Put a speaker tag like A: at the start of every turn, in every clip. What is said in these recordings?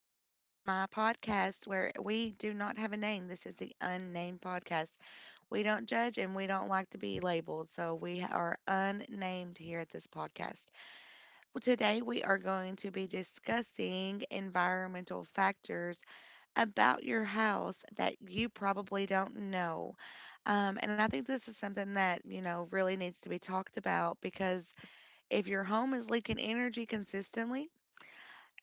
A: my podcast where we do not have a name. This is the unnamed podcast. We don't judge and we don't like to be labeled, so we are unnamed here at this podcast. Well, today we are going to be discussing environmental factors about your house that you probably don't know. And I think this is something that, really needs to be talked about because if your home is leaking energy consistently,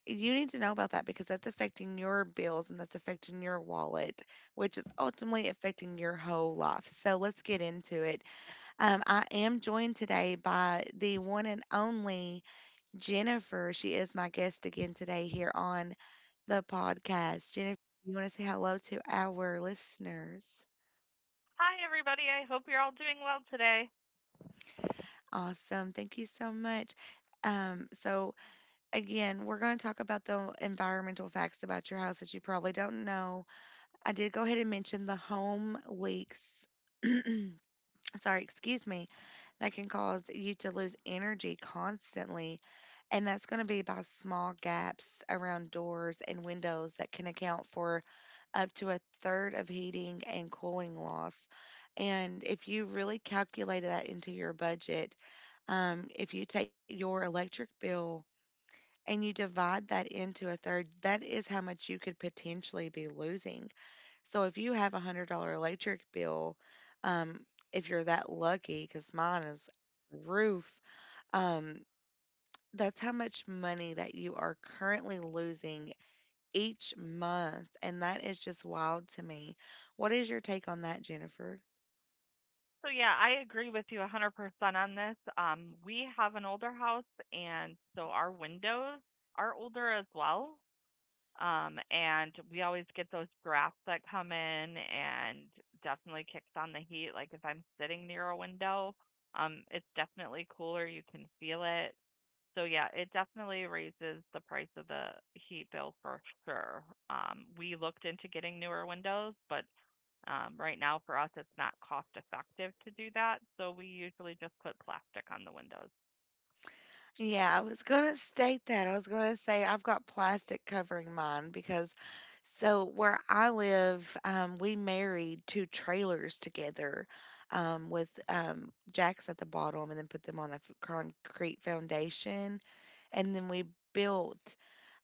A: you need to know about that because that's affecting your bills and that's affecting your wallet, which is ultimately affecting your whole life. So let's get into it. I am joined today by the one and only Jennifer. She is my guest again today here on the podcast. Jennifer, you want to say hello to our listeners?
B: Hi, everybody. I hope you're all doing well today.
A: Awesome. Thank you so much. So again, we're going to talk about the environmental facts about your house that you probably don't know. I did go ahead and mention the home leaks. Sorry, excuse me, that can cause you to lose energy constantly. And that's going to be by small gaps around doors and windows that can account for up to a third of heating and cooling loss. And if you really calculate that into your budget, if you take your electric bill and you divide that into a third, that is how much you could potentially be losing. So if you have $100 electric bill, um, if you're that lucky, because mine is roof, um, that's how much money that you are currently losing each month, and that is just wild to me. What is your take on that, Jennifer?
B: So, yeah, I agree with you 100% on this. We have an older house, and so our windows are older as well. And we always get those drafts that come in and definitely kicks on the heat. Like if I'm sitting near a window, it's definitely cooler. You can feel it. So yeah, it definitely raises the price of the heat bill for sure. We looked into getting newer windows, but right now for us it's not cost effective to do that, so we usually just put plastic on the windows.
A: Yeah, I was gonna state that. I was gonna say I've got plastic covering mine because, so where I live, we married two trailers together, with jacks at the bottom and then put them on the concrete foundation. And then we built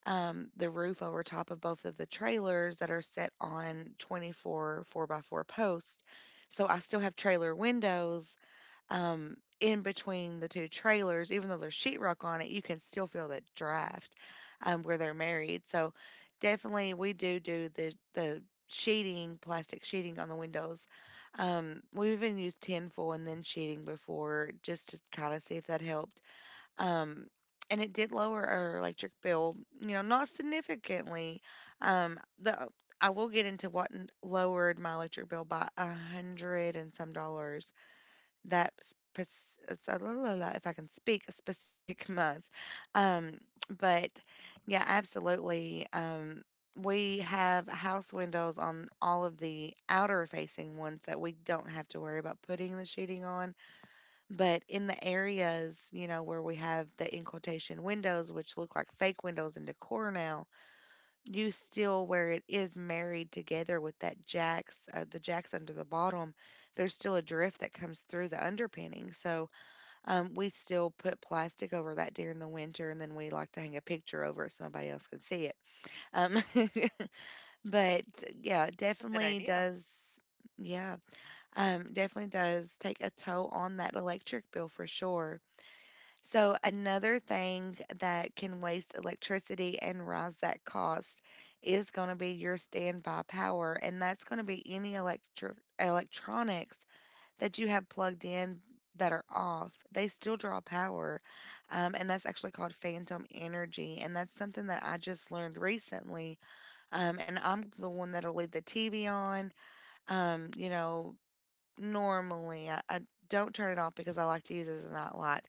A: the roof over top of both of the trailers that are set on 24 4 by 4 posts. So I still have trailer windows in between the two trailers. Even though there's sheetrock on it, you can still feel that draft where they're married. So definitely we do do the sheeting, plastic sheeting on the windows. We even used tinfoil and then sheeting before just to kind of see if that helped. Um, and it did lower our electric bill, not significantly. The I will get into what lowered my electric bill by a hundred and some dollars. That spec- so la, la, la, If I can speak a specific month, um, but yeah, absolutely. We have house windows on all of the outer facing ones that we don't have to worry about putting the sheeting on, but in the areas, where we have the in quotation windows, which look like fake windows and decor now, you still, where it is married together with that jacks, the jacks under the bottom, there's still a drift that comes through the underpinning. So we still put plastic over that during the winter, and then we like to hang a picture over it so nobody else can see it. Um, but yeah, it
B: That's a good
A: definitely
B: idea.
A: does. Yeah, definitely does take a toll on that electric bill for sure. So, another thing that can waste electricity and rise that cost is going to be your standby power, and that's going to be any electronics that you have plugged in that are off. They still draw power, and that's actually called phantom energy, and that's something that I just learned recently. And I'm the one that'll leave the TV on. Um, you know, normally I don't turn it off because I like to use it as a nightlight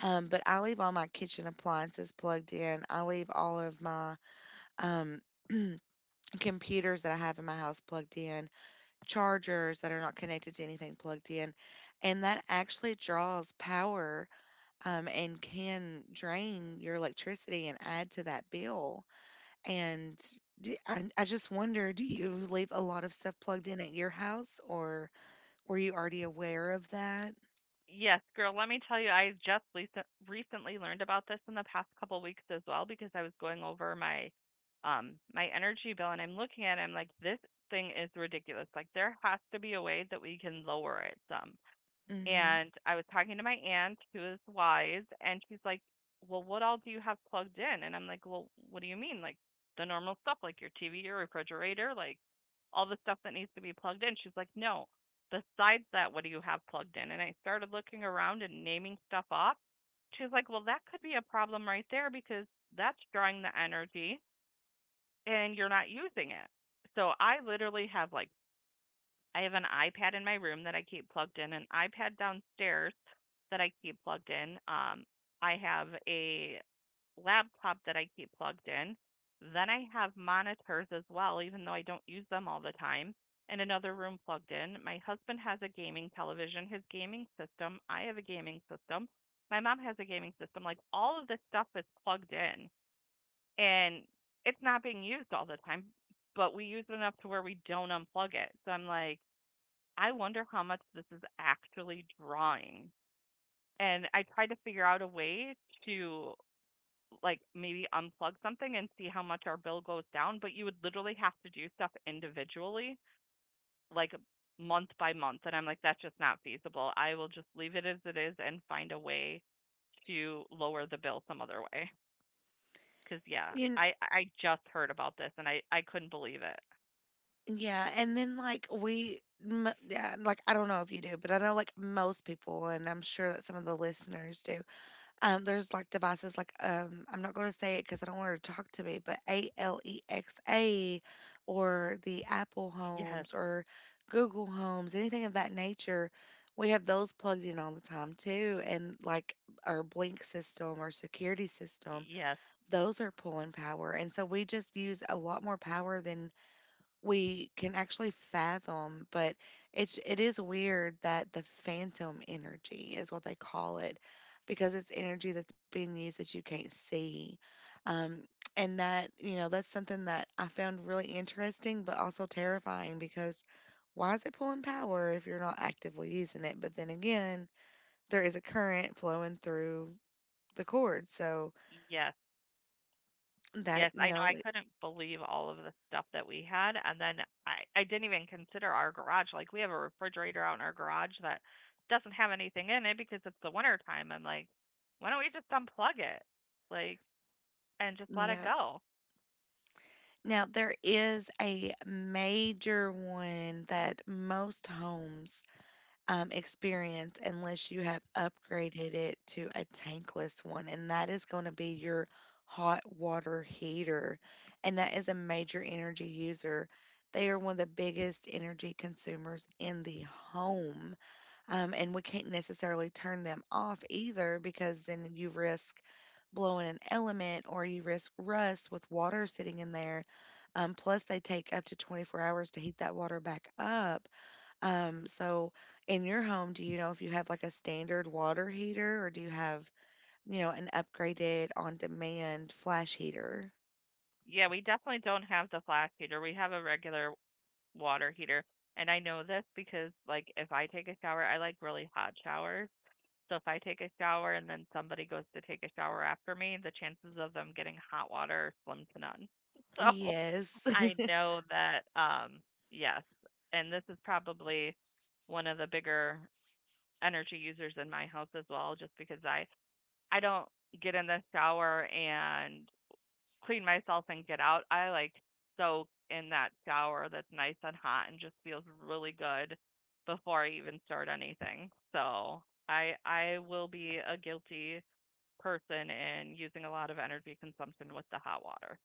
A: um, but I leave all my kitchen appliances plugged in. I leave all of my um, computers that I have in my house plugged in, chargers that are not connected to anything plugged in. And that actually draws power and can drain your electricity and add to that bill. And d I just wonder, do you leave a lot of stuff plugged in at your house, or were you already aware of that?
B: Yes, girl, let me tell you, I just recently learned about this in the past couple weeks as well because I was going over my my energy bill and I'm looking at it, I'm like, this thing is ridiculous. Like there has to be a way that we can lower it some.
A: Mm-hmm.
B: And I was talking to my aunt who is wise, and she's like, well, what all do you have plugged in? And I'm like, well, what do you mean? Like the normal stuff, like your TV, your refrigerator, like all the stuff that needs to be plugged in. She's like, no, besides that, what do you have plugged in? And I started looking around and naming stuff up. She's like, well, that could be a problem right there because that's drawing the energy and you're not using it. So I literally have like I have an iPad in my room that I keep plugged in, an iPad downstairs that I keep plugged in. I have a laptop that I keep plugged in. Then I have monitors as well, even though I don't use them all the time, in another room plugged in. My husband has a gaming television, his gaming system. I have a gaming system. My mom has a gaming system. Like all of this stuff is plugged in and it's not being used all the time, but we use it enough to where we don't unplug it. So I'm like, I wonder how much this is actually drawing. And I tried to figure out a way to like maybe unplug something and see how much our bill goes down, but you would literally have to do stuff individually, like month by month. And I'm like, that's just not feasible. I will just leave it as it is and find a way to lower the bill some other way. Cause yeah, I just heard about this and I couldn't believe it.
A: Yeah, and then, like, we, m yeah, like, I don't know if you do, but I know, like, most people, and I'm sure that some of the listeners do. There's, like, devices like, I'm not going to say it because I don't want her to talk to me, but Alexa or the Apple
B: Yes,
A: Homes or Google Homes, anything of that nature. We have those plugged in all the time too, and, like, our Blink system or security system,
B: yes,
A: those are pulling power, and so we just use a lot more power than we can actually fathom, but it is weird that the phantom energy is what they call it because it's energy that's being used that you can't see. Um and that, that's something that I found really interesting but also terrifying because why is it pulling power if you're not actively using it? But then again, there is a current flowing through the cord.
B: yes.
A: That,
B: Yes, I
A: you
B: know.
A: know,
B: I couldn't believe all of the stuff that we had. And then I didn't even consider our garage. Like, we have a refrigerator out in our garage that doesn't have anything in it because it's the winter time. I'm like, why don't we just unplug it? Like, and just let it
A: yeah.
B: go?
A: Now, there is a major one that most homes experience unless you have upgraded it to a tankless one, and that is going to be your hot water heater. And that is a major energy user. They are one of the biggest energy consumers in the home. And we can't necessarily turn them off either because then you risk blowing an element or you risk rust with water sitting in there. Plus, they take up to 24 hours to heat that water back up. So, in your home, do you know if you have like a standard water heater or do you have, you know, an upgraded on demand flash heater?
B: Yeah, we definitely don't have the flash heater. We have a regular water heater. And I know this because, like, if I take a shower, I like really hot showers. So if I take a shower and then somebody goes to take a shower after me, the chances of them getting hot water are slim to none. So
A: Yes.
B: I know that yes, and this is probably one of the bigger energy users in my house as well just because I don't get in the shower and clean myself and get out, I like soak in that shower that's nice and hot and just feels really good before I even start anything. So I will be a guilty person in using a lot of energy consumption with the hot water.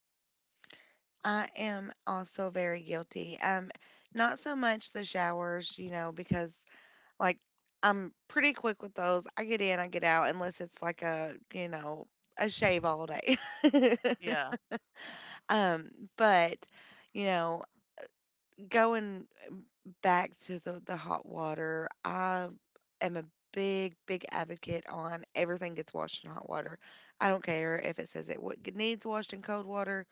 A: I am also very guilty. Not so much the showers, because, like, I'm pretty quick with those. I get in, I get out, unless it's like a shave all day.
B: Yeah.
A: um, but, you know, going back to the hot water, I am a big, big advocate on everything gets washed in hot water. I don't care if it says it needs washed in cold water.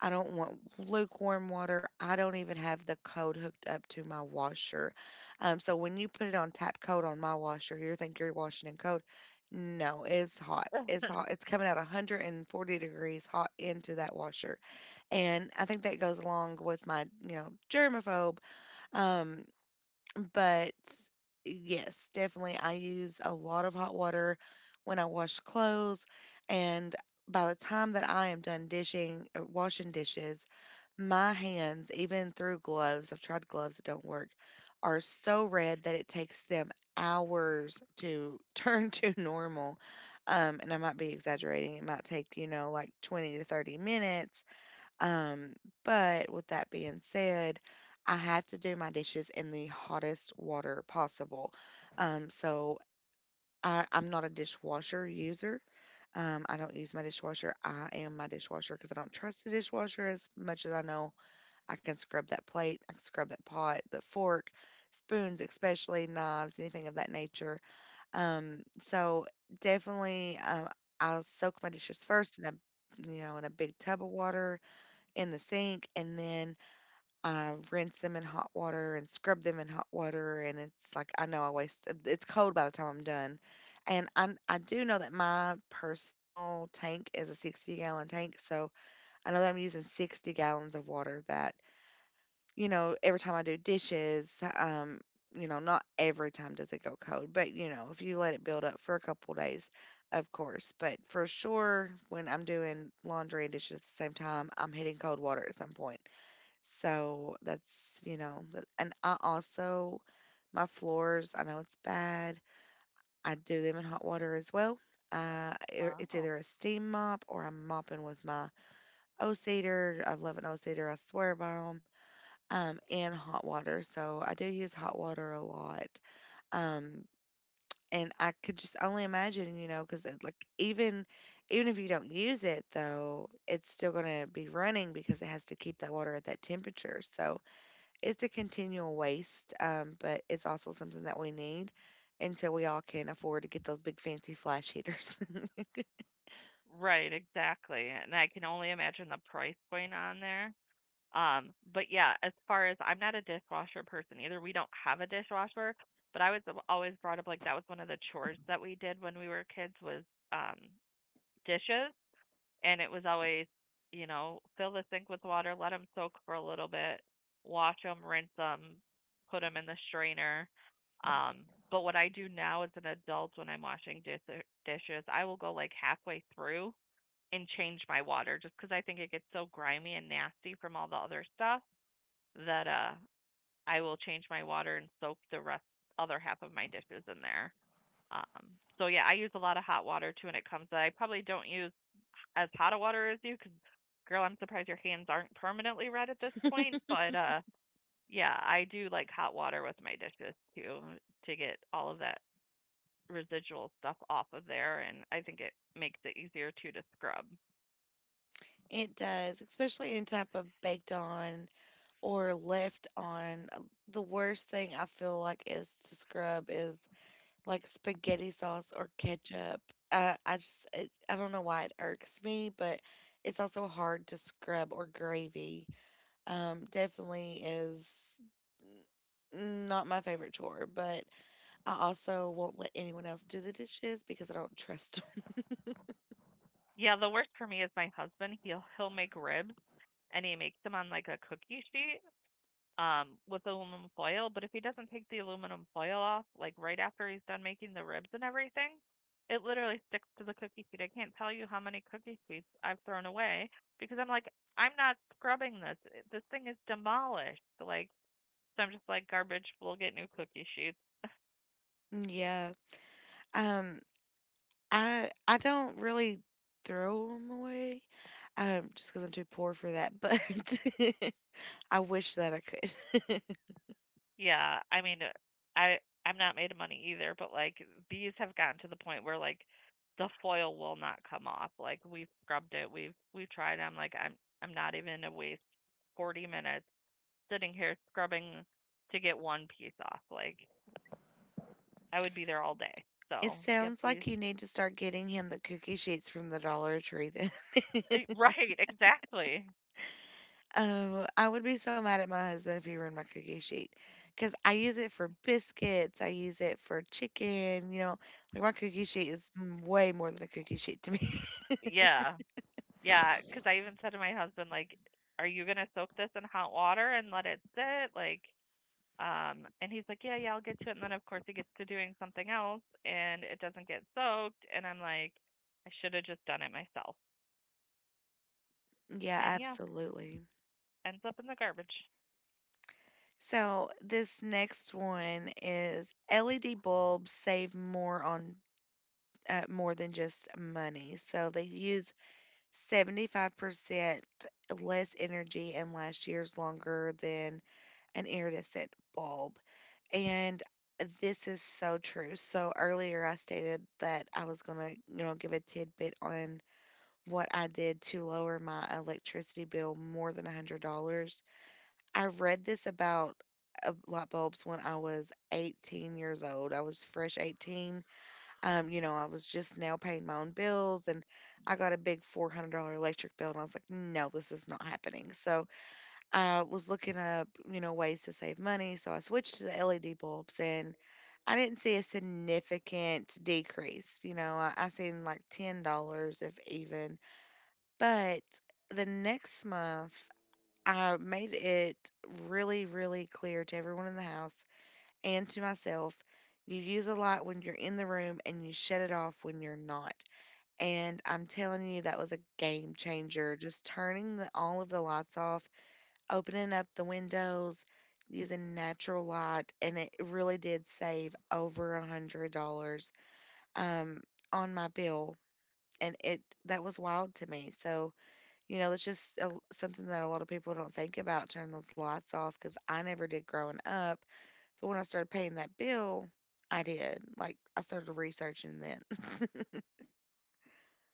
A: I don't want lukewarm water. I don't even have the code hooked up to my washer. So when you put it on tap cold on my washer, you think you're washing in cold. No, it's hot. It's hot. It's coming out 140 degrees hot into that washer. And I think that goes along with my, germaphobe. Um, but yes, definitely, I use a lot of hot water when I wash clothes. And by the time that I am done washing dishes, my hands, even through gloves, I've tried gloves that don't work, are so red that it takes them hours to turn to normal. And I might be exaggerating. It might take, you know, like 20 to 30 minutes um, but with that being said, I have to do my dishes in the hottest water possible. So I'm not a dishwasher user. I don't use my dishwasher. I am my dishwasher because I don't trust the dishwasher as much as I know I can scrub that plate, I can scrub that pot, the fork, spoons, especially knives, anything of that nature. So definitely, I'll soak my dishes first in a big tub of water in the sink, and then I rinse them in hot water and scrub them in hot water, and it's like I know I waste. It's cold by the time I'm done, and I do know that my personal tank is a 60-gallon tank, so I know that I'm using 60 gallons of water. That, you know, every time I do dishes, not every time does it go cold, but, if you let it build up for a couple days, of course. But for sure, when I'm doing laundry and dishes at the same time, I'm hitting cold water at some point, so that's, and I also, my floors, I know it's bad. I do them in hot water as well. It's
B: Wow.
A: either a steam mop or I'm mopping with my O-Cedar. I love an O-Cedar. I swear by them. And hot water. So I do use hot water a lot. Um, and I could just only imagine, because like even if you don't use it though, it's still gonna be running because it has to keep that water at that temperature. So it's a continual waste, but it's also something that we need until we all can afford to get those big fancy flash heaters.
B: Right, exactly. And I can only imagine the price point on there. But yeah, as far as I'm not a dishwasher person either. We don't have a dishwasher, but I was always brought up like that was one of the chores that we did when we were kids was um dishes, and it was always, you know, fill the sink with water, let them soak for a little bit, wash them, rinse them, put them in the strainer. But what I do now as an adult when I'm washing dishes, I will go like halfway through and change my water just because I think it gets so grimy and nasty from all the other stuff that I will change my water and soak the rest other half of my dishes in there. Um, so yeah, I use a lot of hot water too when it comes. To, I probably don't use as hot a water as you, because girl, I'm surprised your hands aren't permanently red at this point. But yeah, I do like hot water with my dishes too to get all of that residual stuff off of there, and I think it makes it easier too to scrub.
A: It does, especially any type of baked on or left on. The worst thing I feel like is to scrub is like spaghetti sauce or ketchup. I just, it, I don't know why it irks me, but it's also hard to scrub or gravy. Definitely is not my favorite chore, but I also won't let anyone else do the dishes because I don't trust them.
B: Yeah, the worst for me is my husband. He'll make ribs and he makes them on like a cookie sheet with aluminum foil. But if he doesn't take the aluminum foil off, like right after he's done making the ribs and everything, it literally sticks to the cookie sheet. I can't tell you how many cookie sheets I've thrown away because I'm like, I'm not scrubbing this. This thing is demolished. Like, so I'm just like, garbage, we'll get new cookie sheets.
A: Yeah. Um, I don't really throw them away, just because I'm too poor for that. But I wish that I could.
B: Yeah, I mean, I I'm not made of money either, but like these have gotten to the point where like the foil will not come off. Like we've scrubbed it, we've tried. I'm like I'm not even a waste 40 minutes sitting here scrubbing to get one piece off. Like I would be there all day.
A: It
B: So yep,
A: sounds
B: we
A: like you need to start getting him the cookie sheets from the Dollar Tree then.
B: eh, right exactly.
A: Oh, I would be so mad at my husband if he ruined my cookie sheet. Because I use it for biscuits, I use it for chicken, you know, like my cookie sheet is way more than a cookie sheet to me.
B: Yeah, yeah. Because I even said to my husband like, "Are you gonna soak this in hot water and let it sit?" Like And he's like, yeah, yeah, I'll get to it. And then, of course, he gets to doing something else and it doesn't get soaked. And I'm like, I should have just done it myself.
A: Yeah,
B: And yeah,
A: absolutely.
B: ends up in the garbage.
A: So this next one is LED bulbs save more on more than just money. So they use 75% less energy and last years longer than an iridescent bulb. And this is so true. So earlier I stated that I was gonna, you know, give a tidbit on what I did to lower my electricity bill more than $100. I read this about light bulbs when I was 18 years old. I was fresh 18. You know, I was just now paying my own bills, and I got a big $400 electric bill, and I was like, no, this is not happening. So I was looking up, you know, ways to save money. So I switched to the LED bulbs, and I didn't see a significant decrease. You know, I seen like $10 if even. But the next month, I made it really, really clear to everyone in the house and to myself: you use a light when you're in the room and you shut it off when you're not. And I'm telling you, that was a game changer. Just turning all of the lights off, opening up the windows, using natural light, and it really did save over $100 um, on my bill. And it that was wild to me. So, you know, it's just something that a lot of people don't think about: turn those lights off, because I never did growing up. But when I started paying that bill, I did. Like, I started researching then.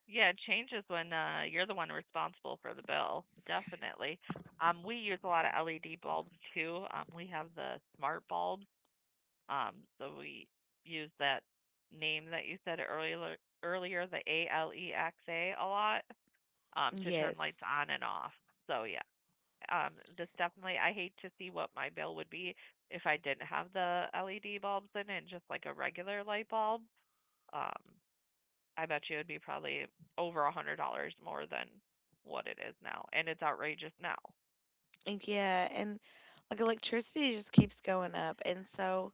B: Yeah, it changes when you're the one responsible for the bill. Definitely. We use a lot of LED bulbs too. We have the smart bulbs. So we use that name that you said earlier, the Alexa, a lot to turn
A: Yes.
B: lights on and off. So yeah, um this definitely I hate to see what my bill would be if I didn't have the led bulbs in it and just like a regular light bulb um I bet you it would be probably over $100 more than what it is now and it's outrageous now
A: And Yeah. And like electricity just keeps going up. And so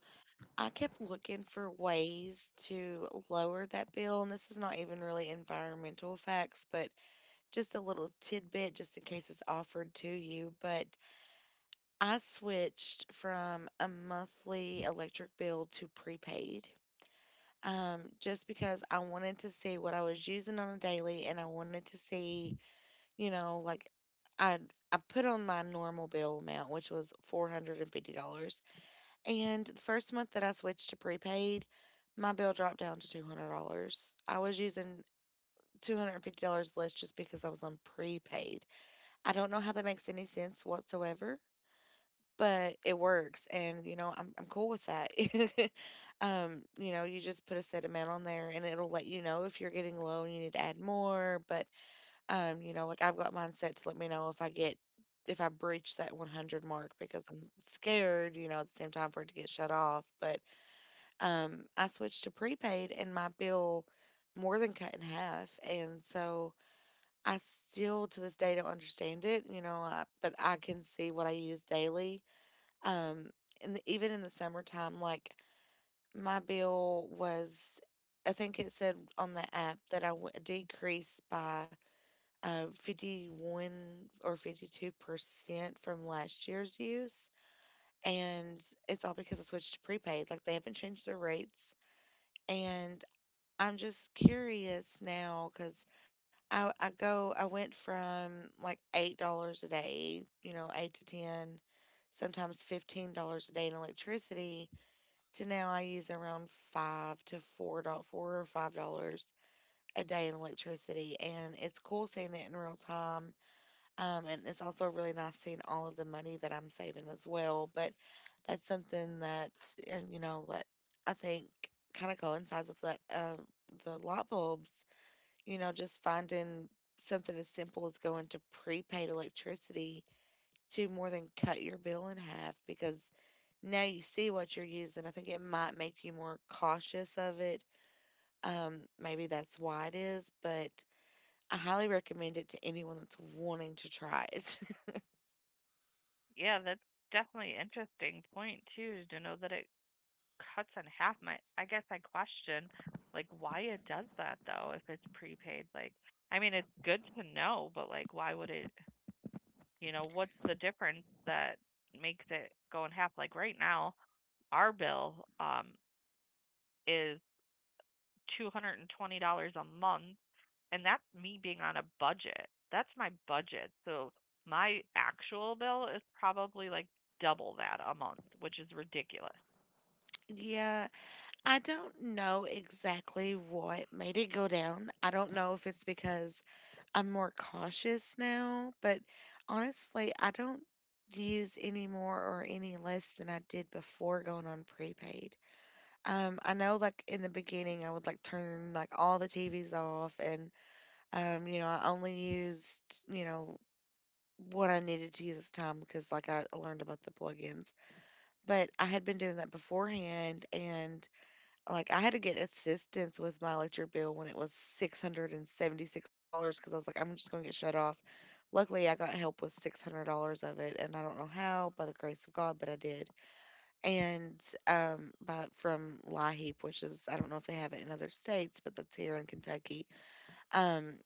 A: I kept looking for ways to lower that bill. And this is not even really environmental facts, but just a little tidbit just in case it's offered to you. But I switched from a monthly electric bill to prepaid, just because I wanted to see what I was using on a daily, and I wanted to see, you know, like I I put on my normal bill amount, which was $450 and $50, and the first month that I switched to prepaid, my bill dropped down to $200. I was using $250 less just because I was on prepaid. I don't know how that makes any sense whatsoever, but it works, and you know, I'm cool with that. You know, you just put a set amount on there, and it'll let you know if you're getting low and you need to add more. But you know, like, I've got mine set to let me know if I get if I breach that 100 mark, because I'm scared, you know, at the same time for it to get shut off. But I switched to prepaid, and my bill more than cut in half. And so I still to this day don't understand it, you know, but I can see what I use daily. um, Even in the summertime, like, my bill was, I think it said on the app that decreased by 51 or 52% from last year's use. And it's all because I switched to prepaid. Like, they haven't changed their rates. And I'm just curious now because I went from like $8 a day, you know, 8 to 10, sometimes $15 a day in electricity to now I use around five to four dot $4 or $5 a day in electricity, and it's cool seeing it in real time. And it's also really nice seeing all of the money that I'm saving as well. But that's something that, and you know, that I think kind of coincides with that, the light bulbs. You know, just finding something as simple as going to prepaid electricity to more than cut your bill in half, because now you see what you're using. I think it might make you more cautious of it. Maybe that's why it is, but I highly recommend it to anyone that's wanting to try it.
B: yeah that's definitely an interesting point too to know that it cuts in half my I guess I question like why it does that though if it's prepaid like I mean it's good to know but like why would it you know, what's the difference that makes it go in half? Like right now, our bill um, is $220 a month, and that's me being on a budget. That's my budget. So my actual bill is probably like double that a month, which is ridiculous.
A: Yeah, I don't know exactly what made it go down. I don't know if it's because I'm more cautious now, but honestly, I don't use any more or any less than I did before going on prepaid. I know, like, in the beginning I would like turn like all the TVs off. And you know, I only used, you know, what I needed to use at the time because, like, I learned about the plugins. But I had been doing that beforehand, and, like, I had to get assistance with my electric bill when it was $676, because I was like, I'm just going to get shut off. Luckily, I got help with $600 of it, and I don't know how, by the grace of God, but I did. And from LIHEAP, which is, I don't know if they have it in other states, but that's here in Kentucky. Um,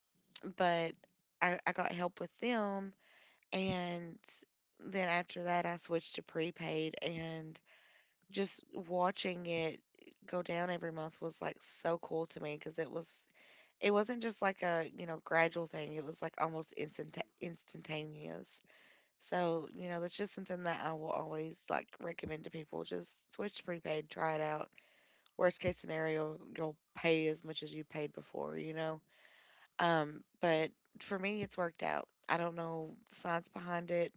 A: but I got help with them. And then after that, I switched to prepaid, and just watching it go down every month was like so cool to me, because it wasn't just like a, you know, gradual thing. It was like almost instantaneous. So, you know, that's just something that I will always like recommend to people: just switch to prepaid, try it out. Worst case scenario, you'll pay as much as you paid before, you know. But for me, it's worked out. I don't know the science behind it,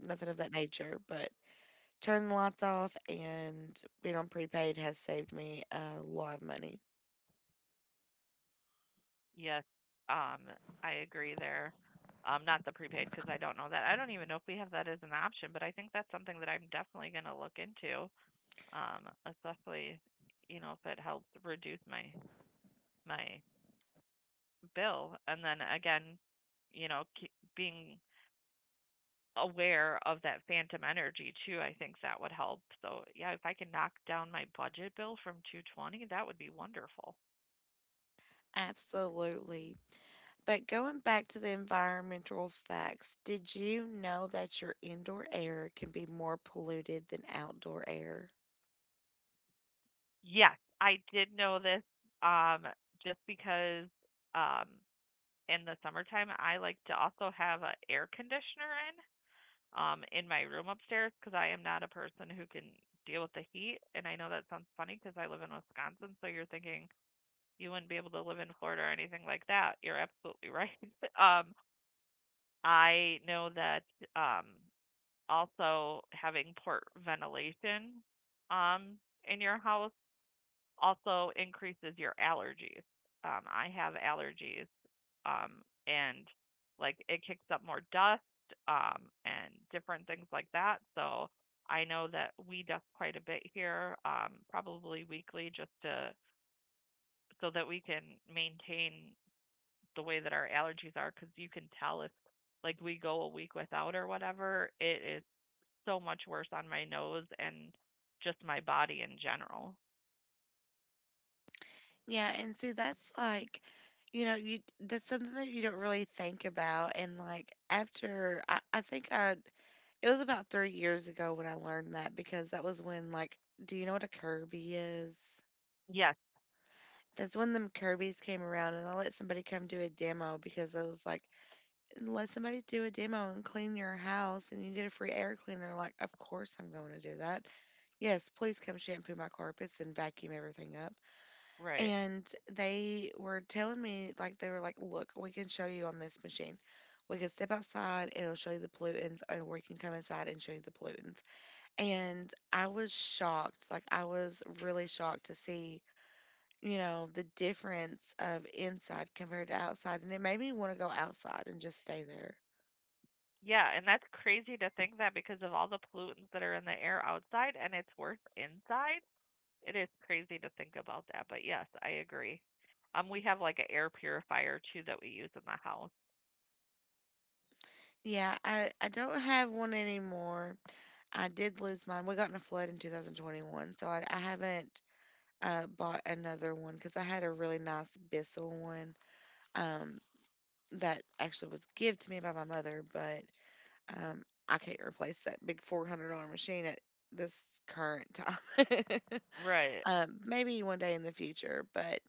A: nothing of that nature, but turning the lights off and being on prepaid has saved me a lot of money.
B: Yes, um, I agree there. Not the prepaid because I don't know that. I don't even know if we have that as an option, but I think that's something that I'm definitely going to look into. Especially you know if it helps reduce my bill. And then again, you know, keep being aware of that phantom energy too, I think that would help. So yeah, if I can knock down my budget bill from 220, that would be wonderful.
A: Absolutely. But going back to the environmental facts, did you know that your indoor air can be more polluted than outdoor air?
B: Yes, I did know this um just because um in the summertime I like to also have an air conditioner in my room upstairs because I am not a person who can deal with the heat. And I know that sounds funny because I live in Wisconsin, so you're thinking you wouldn't be able to live in Florida or anything like that. You're absolutely right. um, I know that um also having port ventilation um in your house also increases your allergies. I have allergies, and like it kicks up more dust, and different things like that. So I know that we dust quite a bit here, probably weekly, just to so that we can maintain the way that our allergies are, because you can tell if like we go a week without or whatever, it is so much worse on my nose and just my body in general.
A: Yeah, and see, that's like, you know, you that's something that you don't really think about. And, like, after, I think I it was about 3 years ago when I learned that, because that was when, like, do you know what a Kirby is?
B: Yes,
A: That's when them Kirby's came around, and I let somebody come do a demo, because I was like, let somebody do a demo and clean your house, and you get a free air cleaner. Like, of course I'm going to do that. Yes, please come shampoo my carpets and vacuum everything up.
B: right.
A: And they were telling me, like, they were like, look, we can show you on this machine. We can step outside, and it'll show you the pollutants, and we can come inside and show you the pollutants. And I was shocked. Like, I was really shocked to see, you know, the difference of inside compared to outside. And it made me want to go outside and just stay there.
B: Yeah, and that's crazy to think that because of all the pollutants that are in the air outside and it's worse inside, it is crazy to think about that. But yes, I agree. We have like an air purifier too that we use in the house.
A: Yeah, I don't have one anymore. I did lose mine. We got in a flood in 2021, so I haven't bought another one because I had a really nice Bissell one, um, that actually was give to me by my mother, but um, I can't replace that big $400 machine at this current time.
B: Right,
A: Maybe one day in the future, but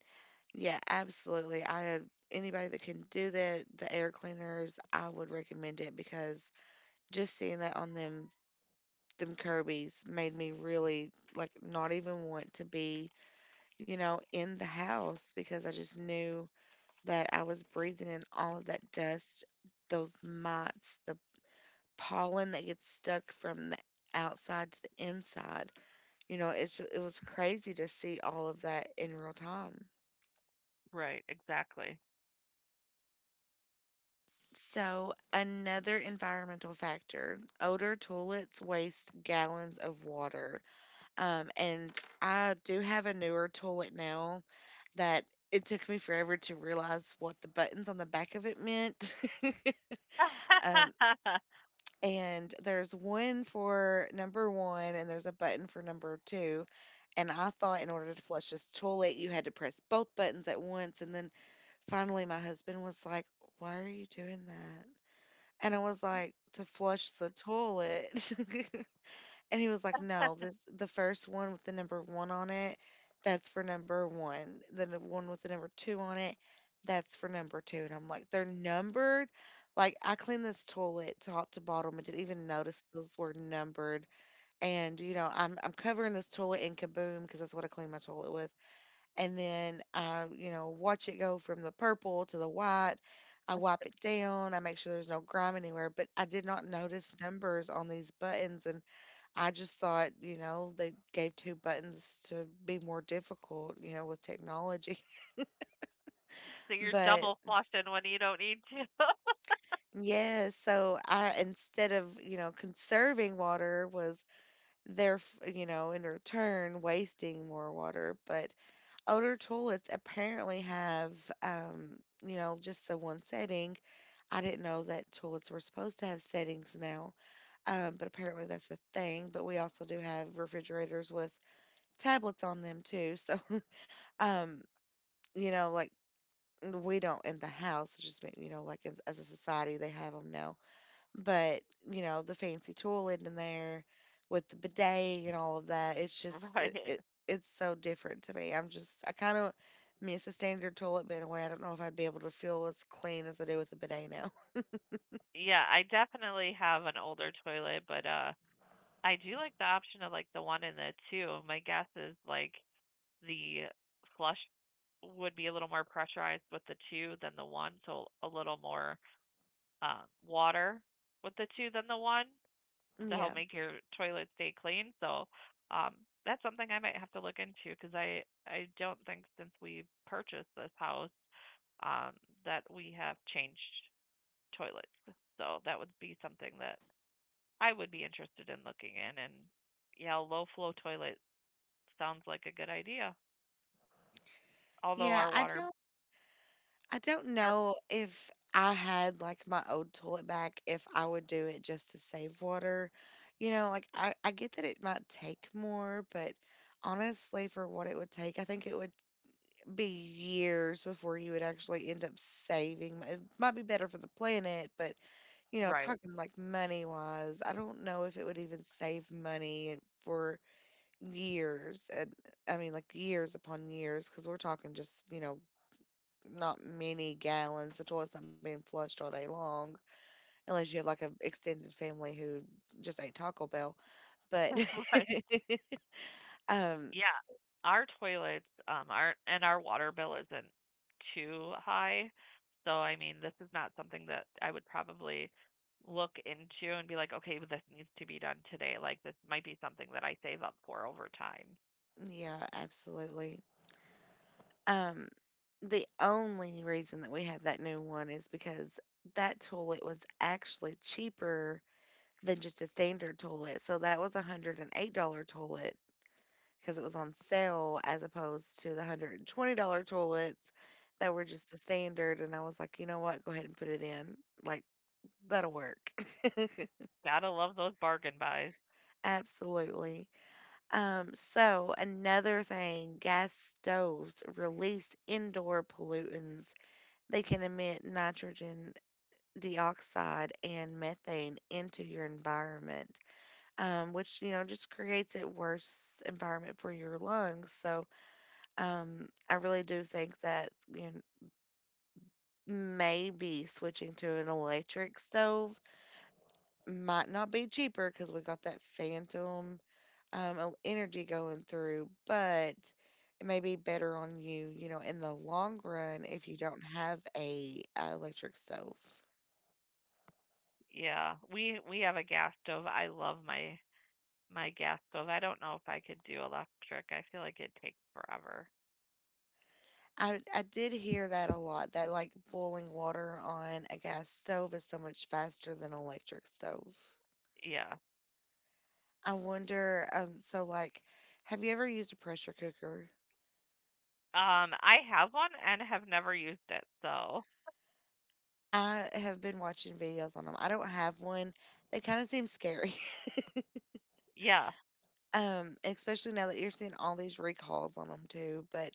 A: yeah, absolutely. I Anybody that can do that, the air cleaners, I would recommend it, because just seeing that on them Kirby's made me really like not even want to be, you know, in the house, because I just knew that I was breathing in all of that dust, those mites, the pollen that gets stuck from the outside to the inside. You know, it was crazy to see all of that in real time.
B: right, exactly.
A: So, another environmental factor, older toilets waste gallons of water. And I do have a newer toilet now that it took me forever to realize what the buttons on the back of it meant. um, and there's one for number one, and there's a button for number two. And I thought in order to flush this toilet, you had to press both buttons at once. And then finally, my husband was like, "Why are you doing that?" And I was like, "To flush the toilet." And he was like, "No, this the first one with the number one on it, that's for number one. The one with the number two on it, that's for number two." And I'm like, "They're numbered." Like, I cleaned this toilet top to bottom and didn't even notice those were numbered. And you know, I'm covering this toilet in kaboom because that's what I clean my toilet, and then I, you know, watch it go from the purple to the white. I wipe it down. I make sure there's no grime anywhere. But I did not notice numbers on these buttons, and I just thought, you know, they gave two buttons to be more difficult with technology.
B: So you're
A: But
B: double flushing when you don't need to.
A: yeah, so I, instead of, you know, conserving water was there, you know, in return wasting more water. But older toilets apparently have um you know just the one setting. I didn't know that toilets were supposed to have settings now, but apparently that's a thing. But we also do have refrigerators with tablets on them too. So, um, you know, like, we don't in the house. It's just been, you know, like, as a society they have them now. But you know, the fancy toilet in there with the bidet and all of that. It's just it,
B: Right.
A: it it's so different to me. I'm just I kind of miss a standard toilet, but in a way I don't know if I'd be able to feel as clean as I do with a bidet now.
B: Yeah, I definitely have an older toilet, but I do like the option of like the one and the two. My guess is like the flush would be a little more pressurized with the two than the one, so a little more water with the two than the one to
A: Yeah.
B: help make your toilet stay clean. So um, that's something I might have to look into because I don't think since we purchased this house um, that we have changed toilets. So that would be something that I would be interested in looking in. And yeah, low flow toilet sounds like a good idea. Although
A: Yeah,
B: our
A: I
B: water,
A: don't. I don't
B: our,
A: know if I had like my old toilet back, if I would do it just to save water. You know, like I get that it might take more, but honestly, for what it would take, I think it would be years before you would actually end up saving. It might be better for the planet, but you know,
B: right,
A: talking like money wise, I don't know if it would even save money for years. And I mean, like years upon years, because we're talking just, you know, not many gallons. The toilet's not being flushed all day long, unless you have like an extended family who just ate Taco Bell. But
B: right.
A: um,
B: Yeah, our toilets are and our water bill isn't too high. So I mean, this is not something that I would probably look into and be like, okay, well, this needs to be done today. Like this might be something that I save up for over time.
A: yeah, absolutely. Um, the only reason that we have that new one is because that toilet was actually cheaper than just a standard toilet. So that was $108 toilet because it was on sale as opposed to the $120 toilets that were just the standard. And I was like, you know what? Go ahead and put it in. Like, that'll work.
B: Gotta love those bargain buys.
A: Absolutely. Another thing, gas stoves release indoor pollutants. They can emit nitrogen dioxide and methane into your environment, which, you know, just creates a worse environment for your lungs. So, I really do think that you know, maybe switching to an electric stove might not be cheaper because we got that phantom energy going through, but it may be better on you, you know, in the long run if you don't have a, electric stove.
B: Yeah, we have a gas stove. I love my gas stove. I don't know if I could do electric. I feel like it takes forever.
A: I did hear that a lot, that like boiling water on a gas stove is so much faster than electric stove.
B: Yeah.
A: I wonder, so like, have you ever used a pressure cooker?
B: I have one and have never used it. So
A: I have been watching videos on them. I don't have one. They kind of seem scary.
B: yeah.
A: Especially now that you're seeing all these recalls on them too. But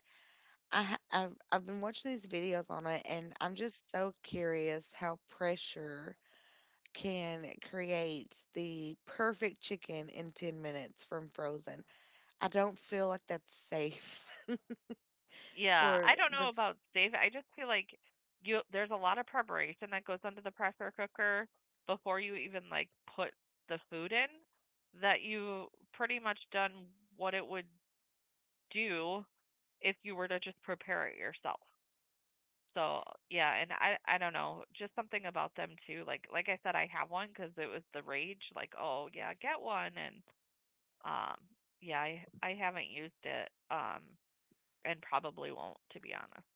A: I've been watching these videos on it, and I'm just so curious how pressure can create the perfect chicken in 10 minutes from frozen. I don't feel like that's safe.
B: Yeah,
A: For
B: I don't know
A: the,
B: about Dave. I just feel like you there's a lot of preparation that goes into the pressure cooker before you even like put the food in that you pretty much done what it would do if you were to just prepare it yourself. So, yeah, and I don't know, just something about them too. Like I said I have one cuz it was the rage like, "Oh, yeah, get one." And um yeah, I haven't used it and probably won't to be honest.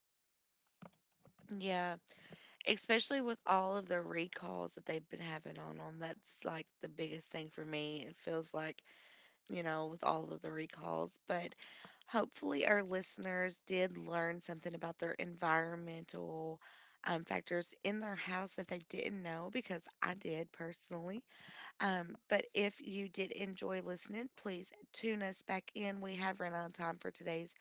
A: yeah, especially with all of the recalls that they've been having on them. That's like the biggest thing for me. It feels like you know, with all of the recalls. But hopefully, our listeners did learn something about their environmental factors in their house that they didn't know because I did personally. But if you did enjoy listening, please tune us back in. We have run out of time for today's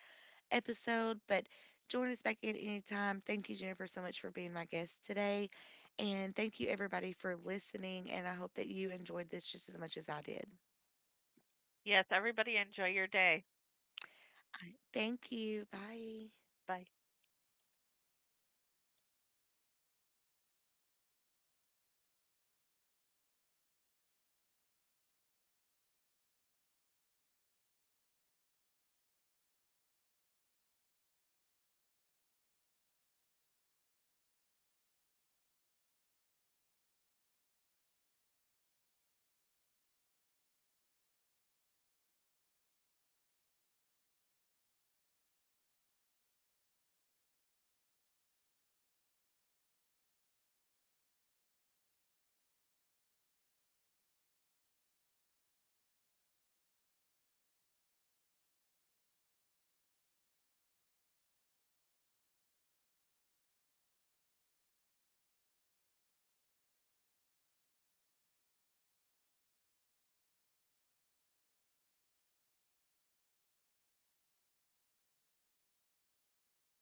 A: episode, but join us back in anytime. Thank you, Jennifer, so much for being my guest today. And thank you, everybody, for listening. And I hope that you enjoyed this just as much as I did.
B: Yes, everybody enjoy your day.
A: All right. Thank you. Bye.
B: Bye.